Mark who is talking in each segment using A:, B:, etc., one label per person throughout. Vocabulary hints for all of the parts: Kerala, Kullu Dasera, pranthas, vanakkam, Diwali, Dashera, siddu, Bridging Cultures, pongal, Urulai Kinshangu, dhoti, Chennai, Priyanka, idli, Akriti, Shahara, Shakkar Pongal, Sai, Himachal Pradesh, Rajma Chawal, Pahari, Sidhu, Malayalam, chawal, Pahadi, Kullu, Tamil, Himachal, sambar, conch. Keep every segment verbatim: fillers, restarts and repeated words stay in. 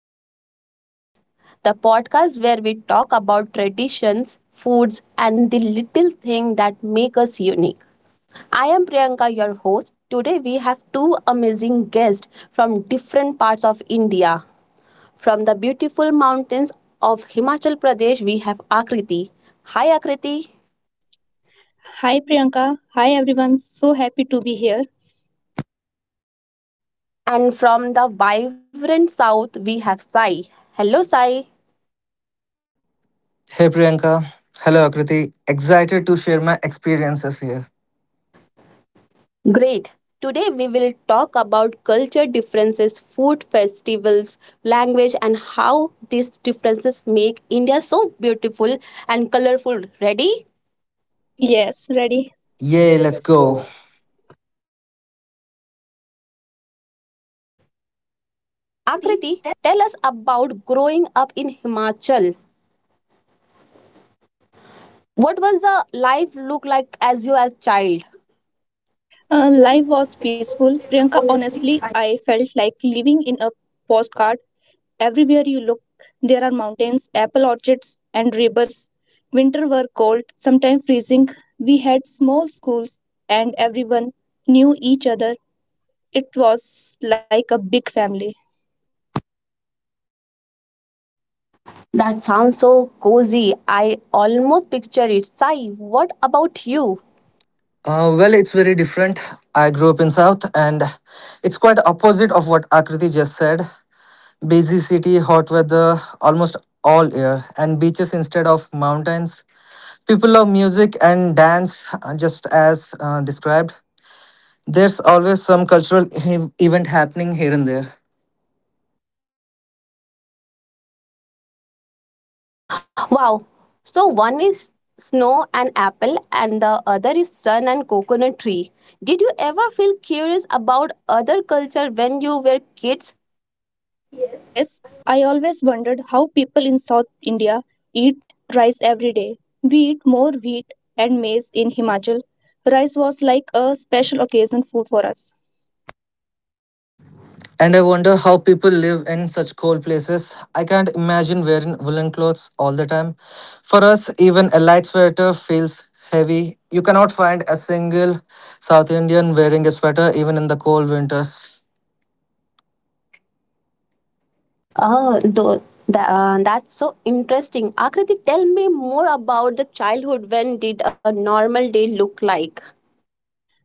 A: Bridging Cultures, the podcast where we talk about traditions, foods, and the little things that make us unique. I am Priyanka, your host. Today, we have two amazing guests from different parts of India. From the beautiful mountains of Himachal Pradesh, we have Akriti. Hi, Akriti.
B: Hi Priyanka. Hi everyone. So happy to be here.
A: And from the vibrant south, we have Sai. Hello, Sai.
C: Hey Priyanka. Hello Akriti. Excited to share my experiences here.
A: Great. Today we will talk about culture differences, food festivals, language, and how these differences make India so beautiful and colorful. Ready?
B: Yes, ready.
C: Yay, let's go.
A: Akriti, tell us about growing up in Himachal. What was the life look like as you as child?
B: Uh, life was peaceful. Priyanka, honestly, I felt like living in a postcard. Everywhere you look, there are mountains, apple orchards, and rivers. Winter were cold, sometimes freezing. We had small schools, and everyone knew each other. It was like a big family.
A: That sounds so cozy. I almost picture it. Sai, what about you?
C: Uh, well, it's very different. I grew up in South, and it's quite opposite of what Akriti just said. Busy city, hot weather almost all year, and beaches instead of mountains. People love music and dance, uh, just as uh, described. There's always some cultural he- event happening here and there.
A: Wow. So one is snow and apple, and the other is sun and coconut tree. Did you ever feel curious about other culture when you were kids?
B: Yes, I always wondered how people in South India eat rice every day. We eat more wheat and maize in Himachal. Rice was like a special occasion food for us.
C: And I wonder how people live in such cold places. I can't imagine wearing woolen clothes all the time. For us, even a light sweater feels heavy. You cannot find a single South Indian wearing a sweater even in the cold winters.
A: Oh, tho- tha- uh, that's so interesting. Akriti, tell me more about the childhood. When did a normal day look like?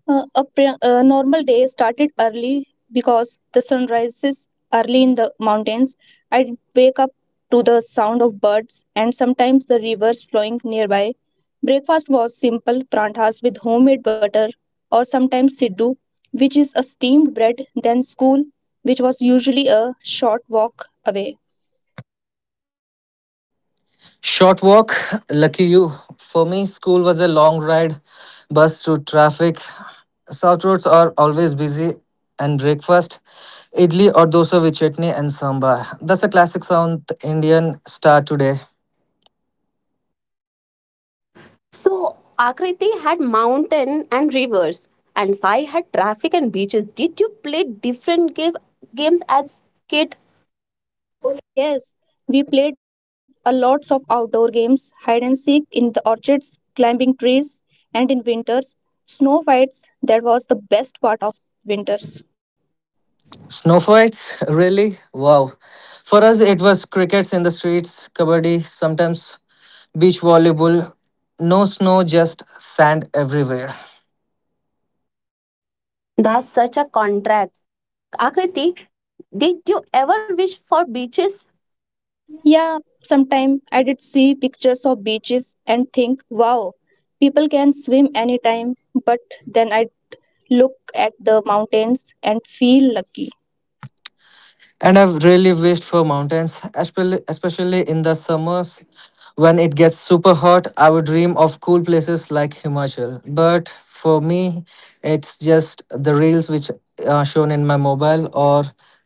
B: Uh, a, pre- a normal day started early because the sun rises early in the mountains. I'd wake up to the sound of birds and sometimes the rivers flowing nearby. Breakfast was simple pranthas with homemade butter or sometimes siddu, which is a steamed bread, then school, which was usually a short walk away.
C: Short walk, lucky you. For me, school was a long ride, bus to traffic. South roads are always busy, and breakfast, idli or dosa with chutney and sambar. That's a classic South Indian start today.
A: So Akriti had mountain and rivers, and Sai had traffic and beaches. Did you play different game, games as kid?
B: Oh, yes. We played a lots of outdoor games, hide and seek in the orchards, climbing trees, and in winters, snow fights. That was the best part of winters.
C: Snow fights? Really? Wow. For us, it was crickets in the streets, kabaddi, sometimes beach volleyball. No snow, just sand everywhere.
A: That's such a contrast. Akriti, did you ever wish for beaches?
B: Yeah, sometime I did see pictures of beaches and think, wow, people can swim anytime. But then I'd look at the mountains and feel lucky.
C: And I've really wished for mountains, especially especially in the summers when it gets super hot. I would dream of cool places like Himachal. But for me, it's just the reels which are shown in my mobile or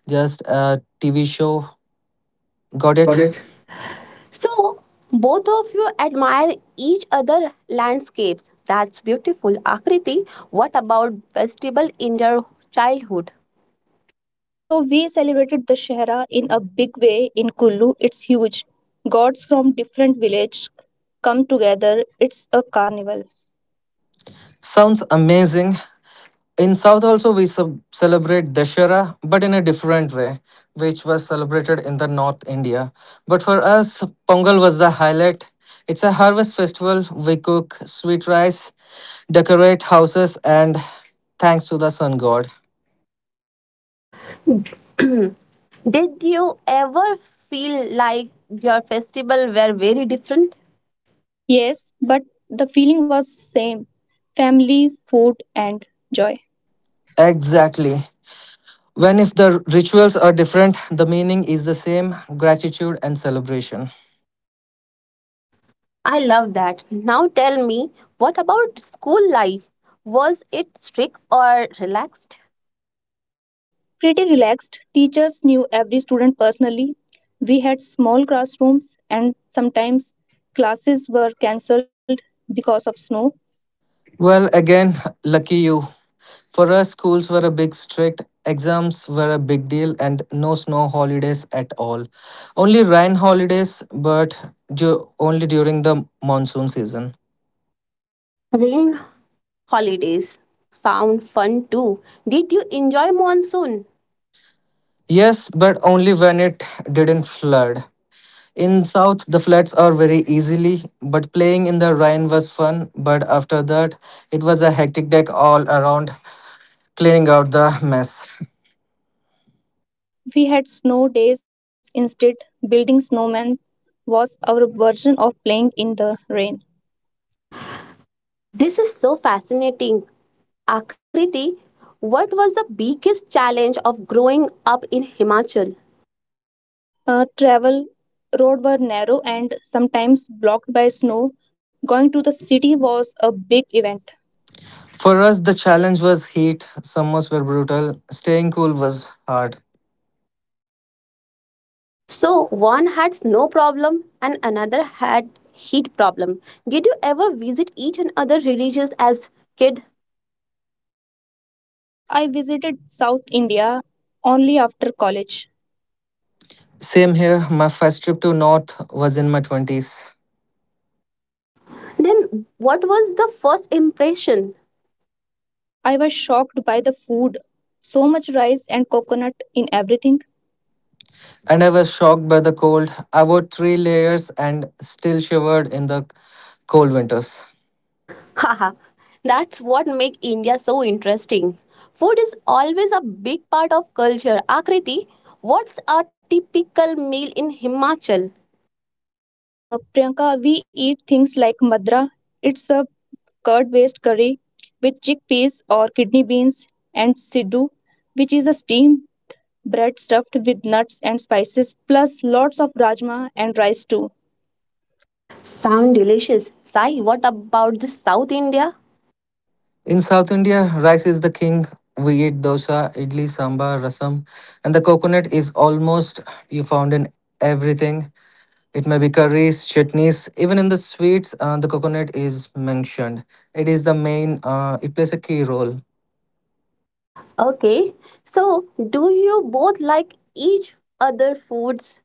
C: just a T V show. Got
A: Got
C: it?
A: it? So, both of you admire each other landscapes. That's beautiful. Akriti, what about festival in your childhood?
B: So we celebrated Dashera in a big way in Kullu. It's huge. Gods from different villages come together. It's a carnival.
C: Sounds amazing. In South also we sub- celebrate Dashera, but in a different way, which was celebrated in the North India. But for us, Pongal was the highlight. It's a harvest festival. We cook sweet rice, decorate houses, and thanks to the sun god.
A: Did you ever feel like your festival were very different?
B: Yes, but the feeling was same. Family, food and joy.
C: Exactly. When if the rituals are different, the meaning is the same: gratitude and celebration.
A: I love that. Now tell me, what about school life? Was it strict or relaxed?
B: Pretty relaxed. Teachers knew every student personally. We had small classrooms and sometimes classes were cancelled because of snow.
C: Well, again, lucky you. For us, schools were a big strict, exams were a big deal, and no snow holidays at all. Only rain holidays, but du- only during the monsoon season.
A: Rain holidays sound fun too. Did you enjoy monsoon?
C: Yes, but only when it didn't flood. In south, the floods are very easily, but playing in the rain was fun. But after that, it was a hectic day all around, cleaning out the mess.
B: We had snow days instead. Building snowmen was our version of playing in the rain.
A: This is so fascinating. Akriti, what was the biggest challenge of growing up in Himachal?
B: Uh, travel road were narrow and sometimes blocked by snow. Going to the city was a big event.
C: For us, the challenge was heat. Summers were brutal. Staying cool was hard.
A: So one had snow problem and another had heat problem. Did you ever visit each and other religions as kid?
B: No, I visited South India only after college.
C: Same here. My first trip to North was in my twenties.
A: Then what was the first impression?
B: I was shocked by the food. So much rice and coconut in everything.
C: And I was shocked by the cold. I wore three layers and still shivered in the cold winters.
A: Haha, that's what make India so interesting. Food is always a big part of culture. Akriti, what's a typical meal in Himachal?
B: Uh, Priyanka, we eat things like madra. It's a curd-based curry with chickpeas or kidney beans and siddu, which is a steamed bread stuffed with nuts and spices, plus lots of rajma and rice too.
A: Sound delicious. Sai, what about the South India?
C: In South India, rice is the king. We eat dosa, idli, sambar, rasam, and the coconut is almost you found in everything. It may be curries, chutneys, even in the sweets, uh, the coconut is mentioned. It is the main, uh, it plays a key role.
A: Okay, so do you both like each other foods?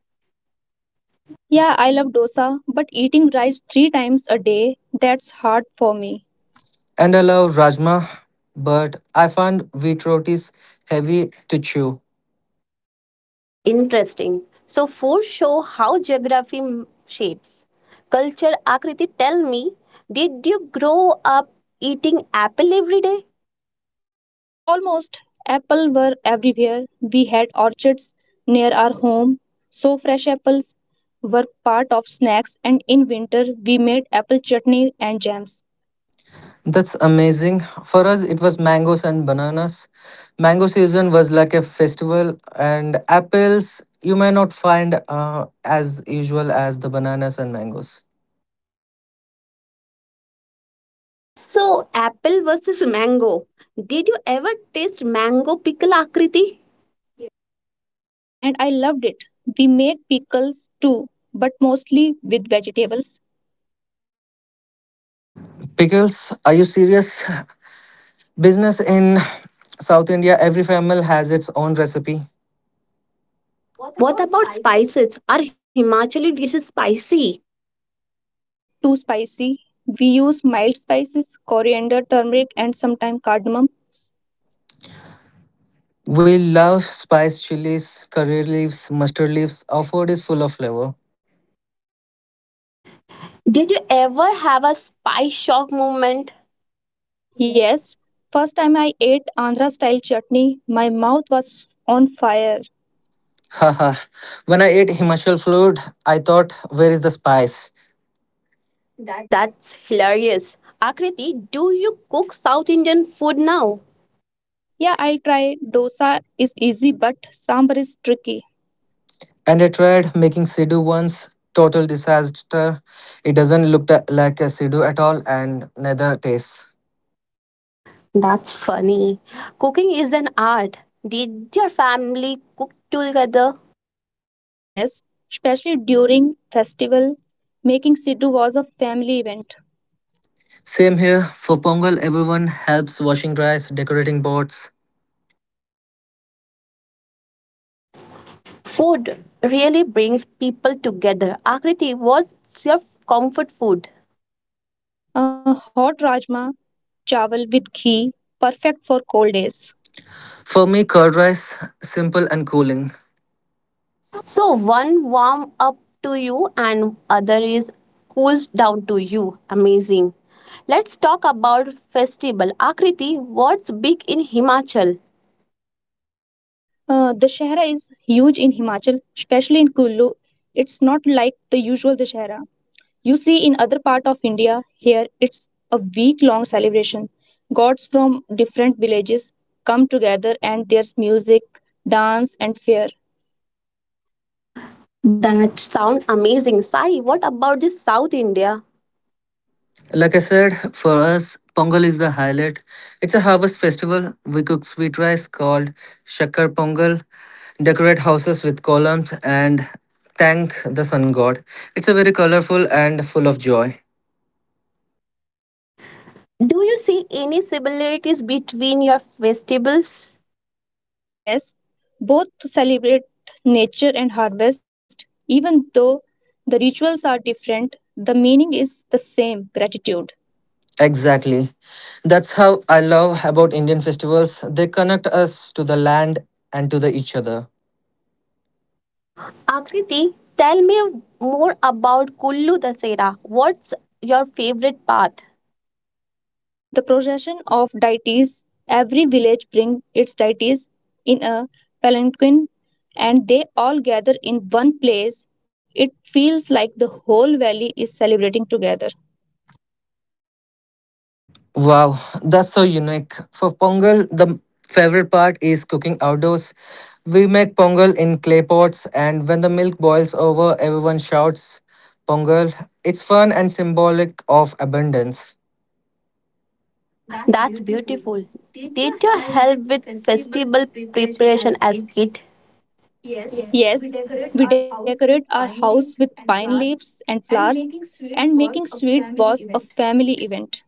B: Yeah, I love dosa, but eating rice three times a day, that's hard for me.
C: And I love rajma, but I find wheat rotis heavy to chew.
A: Interesting. So food show how geography m- shapes. Culture Akriti, tell me, did you grow up eating apple every day?
B: Almost, apples were everywhere. We had orchards near our home, so fresh apples were part of snacks, and in winter, we made apple chutney and jams.
C: That's amazing. For us, it was mangoes and bananas. Mango season was like a festival, and apples you may not find uh, as usual as the bananas and mangoes.
A: Uh, so apple versus mango. Did you ever taste mango pickle Akriti?
B: Yes, and I loved it. We make pickles too, but mostly with vegetables.
C: Pickles, are you serious? Business in South India, every family has its own recipe.
A: What about spices? Are Himachali dishes spicy?
B: Not too spicy. We use mild spices, coriander, turmeric, and sometimes cardamom.
C: We love spiced chilies, curry leaves, mustard leaves. Our food is full of flavor.
A: Did you ever have a spice shock moment?
B: Yes, first time I ate Andhra style chutney, my mouth was on fire.
C: Haha, when I ate Himachal food, I thought, where is the spice?
A: That's hilarious. Akriti, do you cook South Indian food now?
B: Yeah, I'll try. Dosa is easy, but sambar is tricky.
C: And I tried making Sidhu once, total disaster. It doesn't look tha- like a Sidhu at all, and neither tastes.
A: That's funny. Cooking is an art. Did your family cook together?
B: Yes, especially during festival, making siddu was a family event.
C: Same here, for Pongal, everyone helps washing rice, decorating boards.
A: Food really brings people together. Akriti, what's your comfort food?
B: A hot rajma, chawal with ghee, perfect for cold days.
C: For me, curd rice, simple and cooling.
A: So one warm up to you and other is cools down to you. Amazing. Let's talk about festival. Akriti, what's big in Himachal?
B: Uh, Dashera is huge in Himachal, especially in Kullu. It's not like the usual Dashera you see in other part of India. Here, it's a week-long celebration. Gods from different villages come together, and there's music, dance, and fair.
A: Sound amazing. Sai, what about the South India?
C: Like I said, for us, Pongal is the highlight. It's a harvest festival. We cook sweet rice called Shakkar Pongal, decorate houses with columns, and thank the sun god. It's a very colorful and full of joy.
A: Do you see any similarities between your festivals?
B: Yes, both to celebrate nature and harvest. Even though the rituals are different, the meaning is the same: gratitude.
C: Exactly. That's how I love about Indian festivals. They connect us to the land and to the each other.
A: Akriti, tell me more about Kullu Dasera. What's your favorite part?
B: The procession of deities every village brings its deities in a palanquin and they all gather in one place. It feels like the whole valley is celebrating together.
C: Wow, that's so unique. For Pongal, the favorite part is cooking outdoors. We make Pongal in clay pots, and when the milk boils over, everyone shouts Pongal. It's fun and symbolic of abundance.
A: That's beautiful. Did you help with festival preparation as kid?
B: Yes, we decorate our house with pine leaves and flowers, and making sweet was a family event.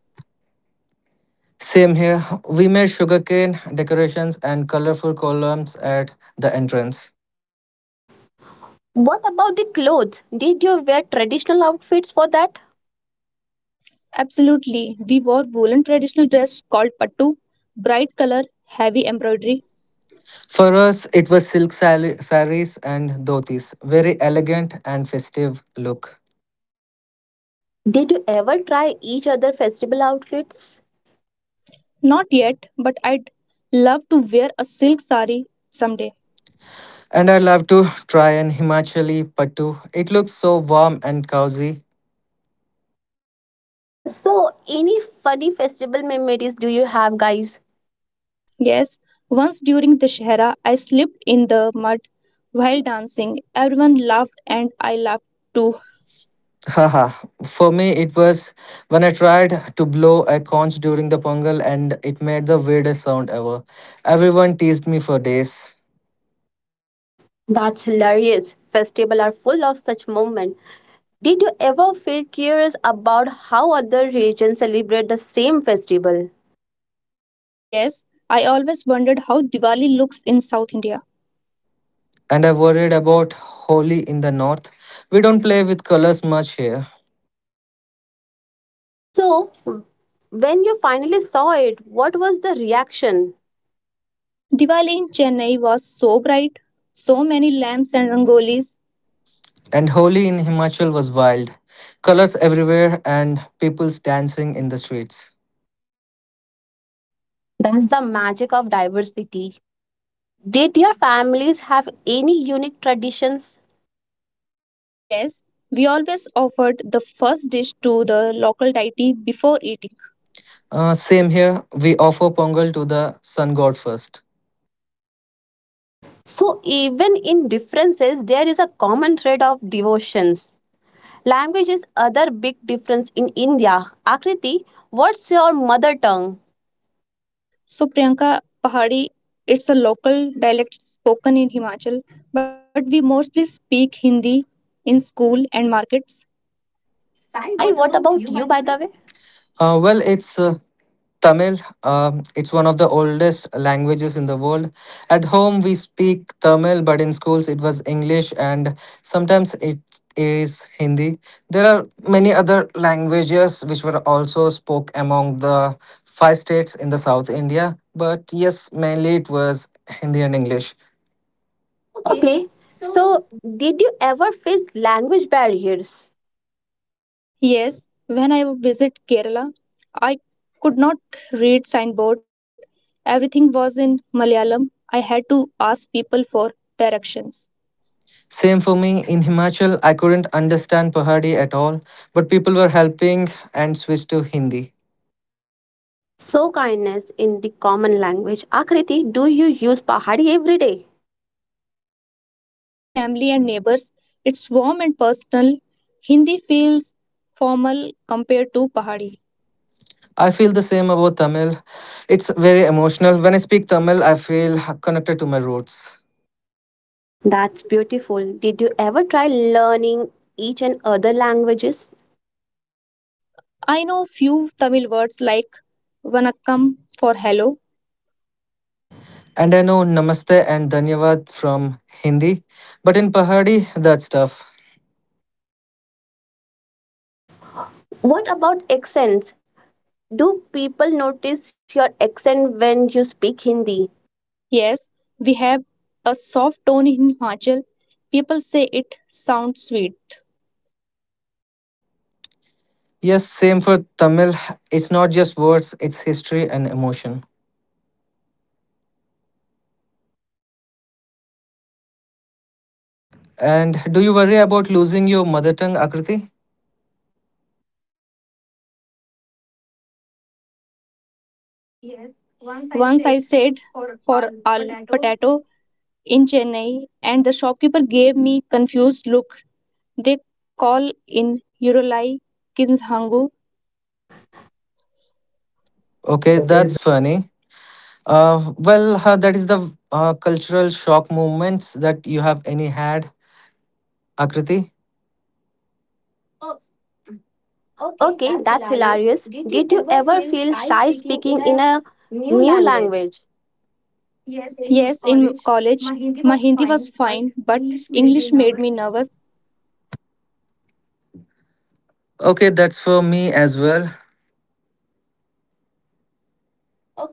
C: Same here, we made sugarcane decorations and colorful columns at the entrance.
A: What about the clothes? Did you wear traditional outfits for that?
B: Absolutely, we wore woolen traditional dress called pattu, bright color, heavy embroidery.
C: For us, it was silk sari- saris and dhotis, very elegant and festive look.
A: Did you ever try each other festival outfits?
B: Not yet, but I'd love to wear a silk sari someday.
C: And I'd love to try an Himachali pattu. It looks so warm and cozy.
A: Uh, so, any funny festival memories do you have, guys?
B: Yes, once during the Shahara, I slipped in the mud while dancing. Everyone laughed and I laughed too.
C: Haha. For me, it was when I tried to blow a conch during the Pongal and it made the weirdest sound ever. Everyone teased me for days.
A: That's hilarious. Festivals are full of such moments. Did you ever feel curious about how other religions celebrate the same festival?
B: Yes, I always wondered how Diwali looks in South India.
C: And I worried about Holi in the north. We don't play with colors much here.
A: So, when you finally saw it, what was the reaction?
B: Diwali in Chennai was so bright, so many lamps and rangolis.
C: And Holi in Himachal was wild. Colors everywhere and people's dancing in the streets.
A: That's the magic of diversity. Did your families have any unique traditions?
B: Yes, we always offered the first dish to the local deity before eating.
C: Uh, same here. We offer Pongal to the sun god first.
A: So, even in differences, there is a common thread of devotions. Language is other big difference in India. Akriti, what's your mother tongue?
B: So, Priyanka, Pahadi, it's a local dialect spoken in Himachal, but we mostly speak Hindi in school and markets.
A: Sai, what about you, by the way?
C: Uh, well, it's uh, Tamil, um, it's one of the oldest languages in the world. At home, we speak Tamil, but in schools, it was English and sometimes it is Hindi. There are many other languages which were also spoke among the five states in the South India, but yes, mainly it was Hindi and English.
A: Okay, so did you ever face language barriers?
B: Yes, when I visit Kerala, I could not read signboard. Everything was in Malayalam. I had to ask people for directions.
C: Same for me in Himachal, I couldn't understand Pahadi at all, but people were helping and switched to Hindi.
A: So, kindness in the common language. Akriti, do you use Pahari every day?
B: Mostly with family and neighbors, it's warm and personal. Hindi feels formal compared to Pahari.
C: I feel the same about Tamil. It's very emotional. When I speak Tamil, I feel connected to my roots.
A: That's beautiful. Did you ever try learning each and other languages?
B: I know few Tamil words like vanakkam for hello.
C: And I know Namaste and Dhanyavad from Hindi, but in Pahadi, that's tough.
A: What about accents? Do people notice your accent when you speak Hindi?
B: Yes, we have a soft tone in Himachal. People say it sounds sweet.
C: Yes, same for Tamil. It's not just words, it's history and emotion. And do you worry about losing your mother tongue, Akriti?
B: Yes, once I said for a potato in Chennai, and the shopkeeper gave me confused look. They call in Urulai Kinshangu.
C: Okay,
A: Okay,
C: that's funny. Uh, well, uh, that is the uh, cultural shock moments that you have any had, Akriti.
A: okay, that's hilarious. Did you ever feel shy speaking in a new language?
B: Yes, in college, my Hindi was fine, but English made me nervous.
C: Okay, that's for me as well.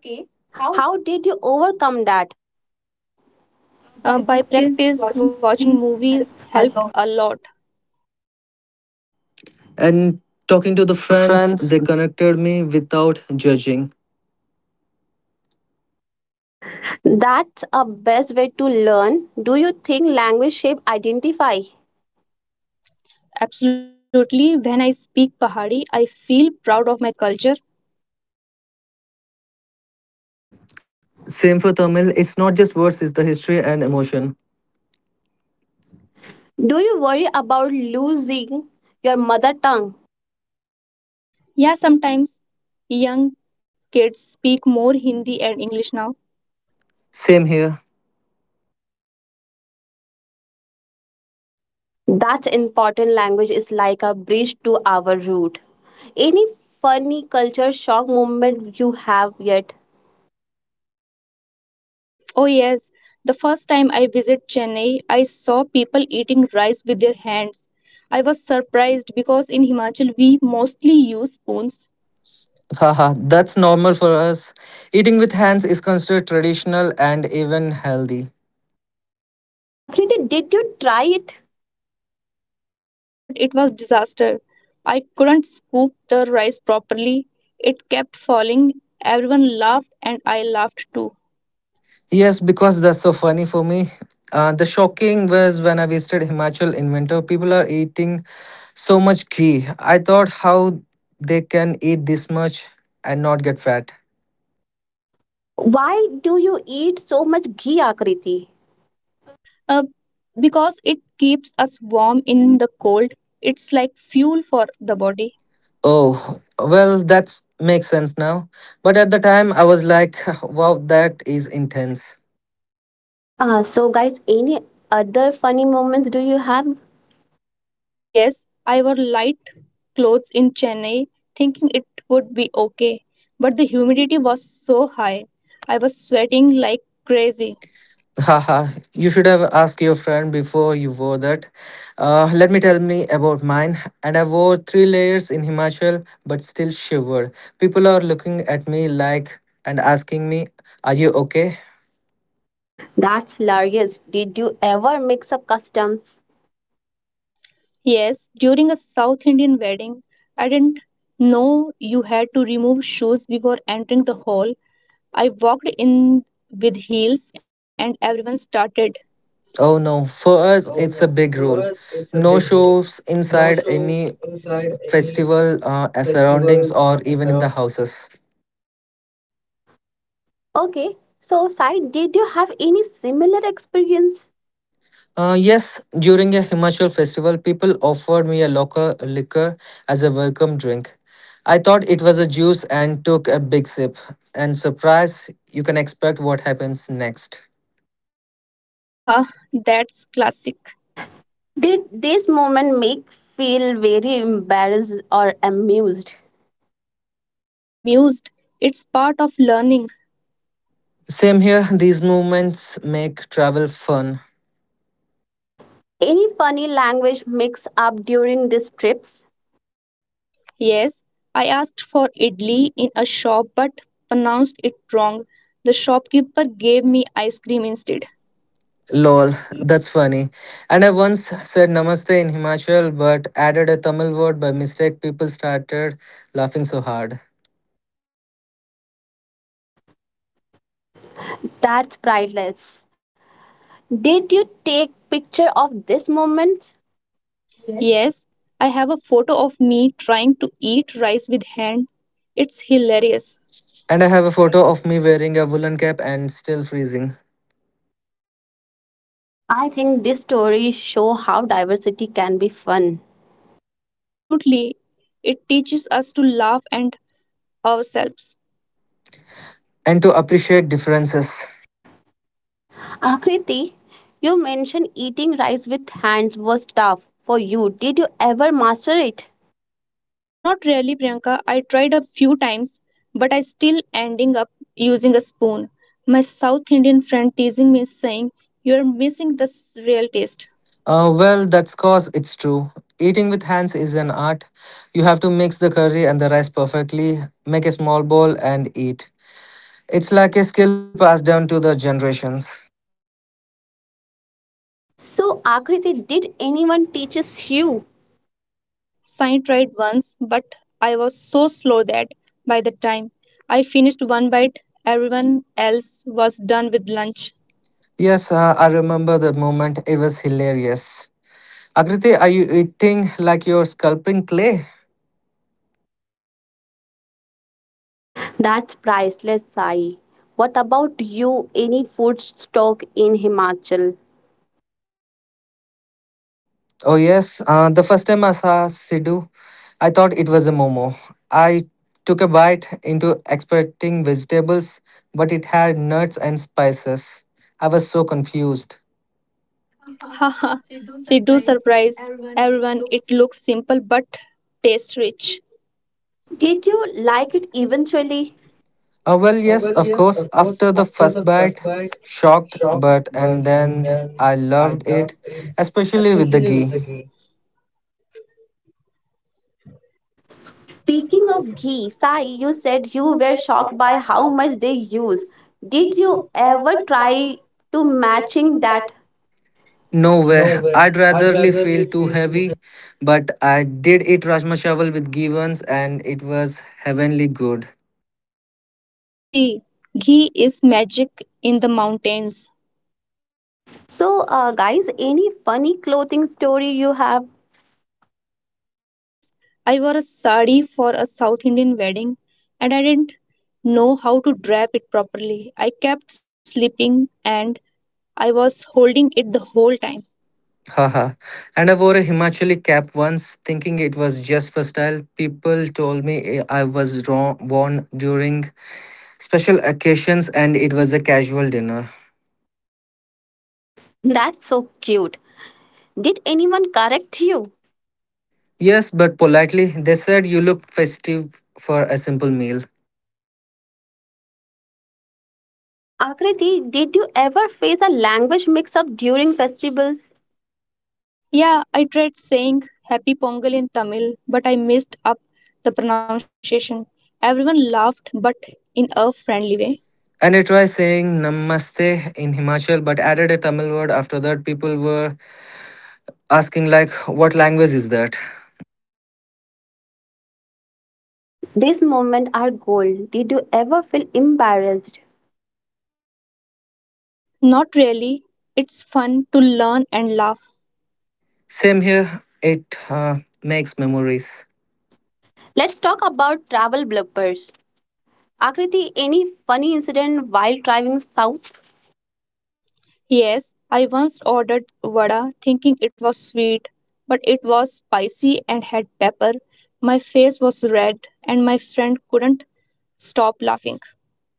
A: Okay, how did you overcome that? By
B: Uh, by
A: practice
B: practice,
A: watching
B: watching
A: movies
B: movies helped a lot.
C: And talking to the
A: talking to the
C: friends,
A: friends,
C: they connected me without judging.
A: that's a best way to learn. Do you think language shape identify?
B: Absolutely, when I speak Pahari, I feel proud of my culture.
C: Same for Tamil, it's not just words, it's the history and emotion.
A: Do you worry about losing your mother tongue?
B: Yeah, sometimes young kids speak more Hindi and English now.
C: Same here.
A: That important language is like a bridge to our root. Any funny culture shock moment you have yet?
B: Oh, yes. The first time I visited Chennai, I saw people eating rice with their hands. I was surprised because in Himachal we mostly use spoons.
C: Haha, that's normal for us. Eating with hands is considered traditional and even healthy.
A: Akriti, did you try it?
B: Yes, but it was disaster. I couldn't scoop the rice properly. It kept falling. Everyone laughed and I laughed too.
C: Yes, because that's so funny for me. Uh, the shocking was when I visited Himachal in winter, people are eating so much ghee. I thought how they can eat this much and not get fat.
A: Why do you eat so much ghee, Akriti?
B: Uh, because it keeps us warm in the cold. It's like fuel for the body.
C: Oh, well, that makes sense now. But at the time, I was like, wow, that is intense.
A: Uh, so, guys, any other funny moments do you have?
B: Yes, I wore light clothes in Chennai, thinking it would be okay. But the humidity was so high, I was sweating like crazy.
C: Haha, you should have asked your friend before you wore that. Uh, let me tell me about mine. And I wore three layers in Himachal, but still shivered. People are looking at me like and asking me, are you okay?
A: That's hilarious. Did you ever mix up customs?
B: Yes, during a South Indian wedding, I didn't know you had to remove shoes before entering the hall. I walked in with heels and everyone started.
C: Oh no, for us, it's a big rule. No shows inside any festival uh, surroundings or even in the houses.
A: Okay, so, Sai, did you have any similar experience?
C: Uh, yes, during a Himachal festival, people offered me a local liquor as a welcome drink. I thought it was a juice and took a big sip. And surprise, you can expect what happens next.
B: Haha, that's classic.
A: Did this moment make feel very embarrassed or amused?
B: Amused. It's part of learning.
C: Same here, these moments make travel fun.
A: Any funny language mix up during these trips?
B: Yes, I asked for idli in a shop but pronounced it wrong. The shopkeeper gave me ice cream instead.
C: Lol, that's funny. And I once said namaste in Himachal but added a Tamil word by mistake. People started laughing so hard.
A: That's priceless. Did you take picture of this moment?
B: Yes, I have a photo of me trying to eat rice with hand. It's hilarious.
C: And I have a photo of me wearing a woolen cap and still freezing.
A: I think this story show how diversity can be fun.
B: Absolutely. It teaches us to laugh and ourselves.
C: And to appreciate differences.
A: Differences. Akriti, you mentioned eating rice with hands was tough for you. Did you ever master it?
B: Not really, Priyanka. I tried a few times, but I still ending up using a spoon. My South Indian friend teasing me saying, "You're missing the s- real taste."
C: Uh, well, that's cause it's true. Eating with hands is an art. You have to mix the curry and the rice perfectly, make a small bowl, and eat. It's like a skill passed down to the generations.
A: So, Akriti, did anyone teaches you?
B: Yes, Sai tried once, but I was so slow that by the time I finished one bite, everyone else was done with lunch.
C: Yes, uh, I remember the moment. It was hilarious. Akriti, are you eating like you're sculpting clay?
A: That's priceless, Sai. What about you? Any food stock in Himachal?
C: Oh, yes. Uh, the first time I saw Sidhu, I thought it was a momo. I took a bite into expecting vegetables, but it had nuts and spices. I was so confused.
B: Haha, Sidhu surprised everyone. It looks simple but tastes rich.
A: Did you like it eventually?
C: Uh, well, yes, of course. After the first bite, shocked, but and then I loved it, especially with the ghee.
A: Speaking of ghee, Sai, you said you were shocked by how much they use. Did you ever try to matching that?
C: No way, I'd ratherly feel too heavy, but I did eat rajma chawal with ghee once and it was heavenly good.
B: See, ghee is magic in the mountains.
A: So, uh, guys, any funny clothing story you have?
B: Yes, I wore a sari for a South Indian wedding and I didn't know how to drape it properly. I kept slipping and I was holding it the whole time.
C: Haha. And I wore a Himachali cap once, thinking it was just for style. People told me I was wrong, worn during special occasions and it was a casual dinner.
A: That's so cute. Did anyone correct you?
C: Yes, but politely, they said you look festive for a simple meal.
A: Akriti, did you ever face a language mix-up during festivals?
B: Yeah, I tried saying happy pongal in Tamil, but I messed up the pronunciation. Everyone laughed, but in a friendly way.
C: And I tried saying namaste in Himachal but added a Tamil word after that. People were asking, like, what language is that?
A: These moments are gold. Did you ever feel embarrassed?
B: Not really. It's fun to learn and laugh.
C: Same here, it uh, makes memories.
A: Let's talk about travel bloopers. Akriti, any funny incident while driving south?
B: Yes, I once ordered vada thinking it was sweet, but it was spicy and had pepper. My face was red, and my friend couldn't stop laughing.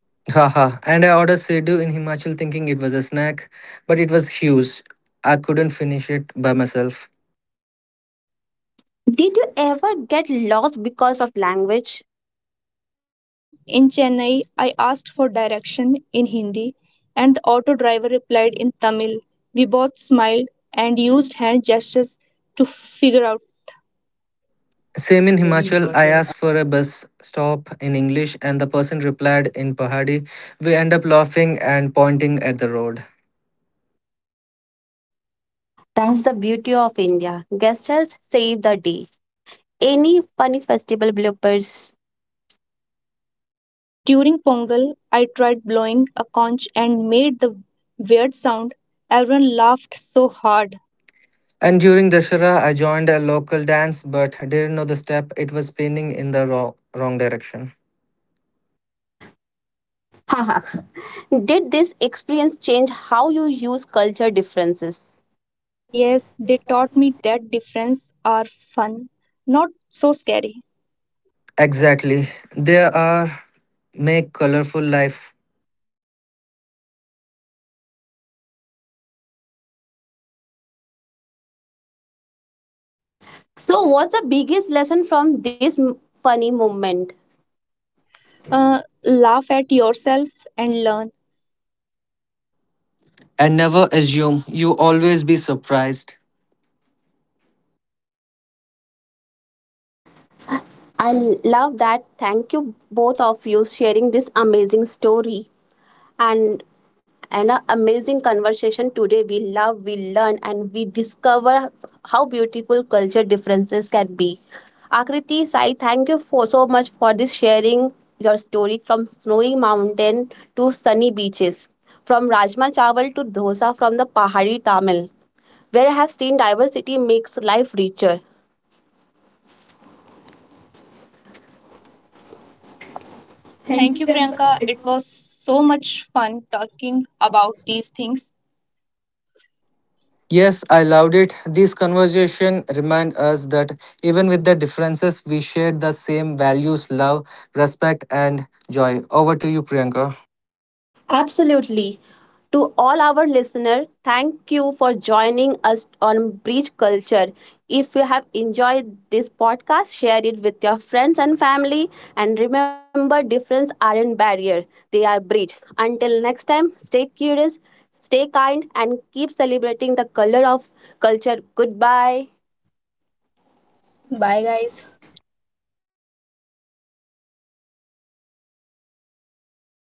C: Haha. And I ordered Sidhu in Himachal thinking it was a snack, but it was huge. I couldn't finish it by myself.
A: Did you ever get lost because of language?
B: Yeah, in Chennai, I asked for direction in Hindi and the auto driver replied in Tamil. We both smiled and used hand gestures to figure out.
C: Same in Himachal, I asked for a bus stop in English and the person replied in Pahadi. We end up laughing and pointing at the road.
A: That's the beauty of India. Gestures save the day. Any funny festival bloopers?
B: During Pongal, I tried blowing a conch and made the weird sound. Everyone laughed so hard.
C: And during Dashera, I joined a local dance but didn't know the step. It was spinning in the wrong, wrong direction.
A: Haha. Did this experience change how you use culture differences?
B: Yes, they taught me that difference are fun, not so scary.
C: Exactly. There are make colorful life
A: So, what's the biggest lesson from this m- funny moment?
B: Uh, laugh at yourself and learn.
C: and never assume. You always be surprised.
A: I love that. Thank you both of you sharing this amazing story. And and an amazing conversation today. We love, we learn, and we discover how beautiful culture differences can be. Akriti Sai, thank you for so much for this sharing your story from snowy mountain to sunny beaches, from Rajma Chawal to dosa from the Pahari Tamil, where I have seen diversity makes life richer.
B: Thank you, Priyanka. It was so much fun talking about these things.
C: Yes, I loved it. This conversation remind us that even with the differences, we share the same values, love, respect, and joy. Over to you, Priyanka.
A: Absolutely. To all our listeners, thank you for joining us on Breach Culture. If you have enjoyed this podcast, share it with your friends and family. And remember, difference aren't barrier; they are bridge. Until next time, stay curious, stay kind, and keep celebrating the color of culture. Goodbye.
B: Bye, guys.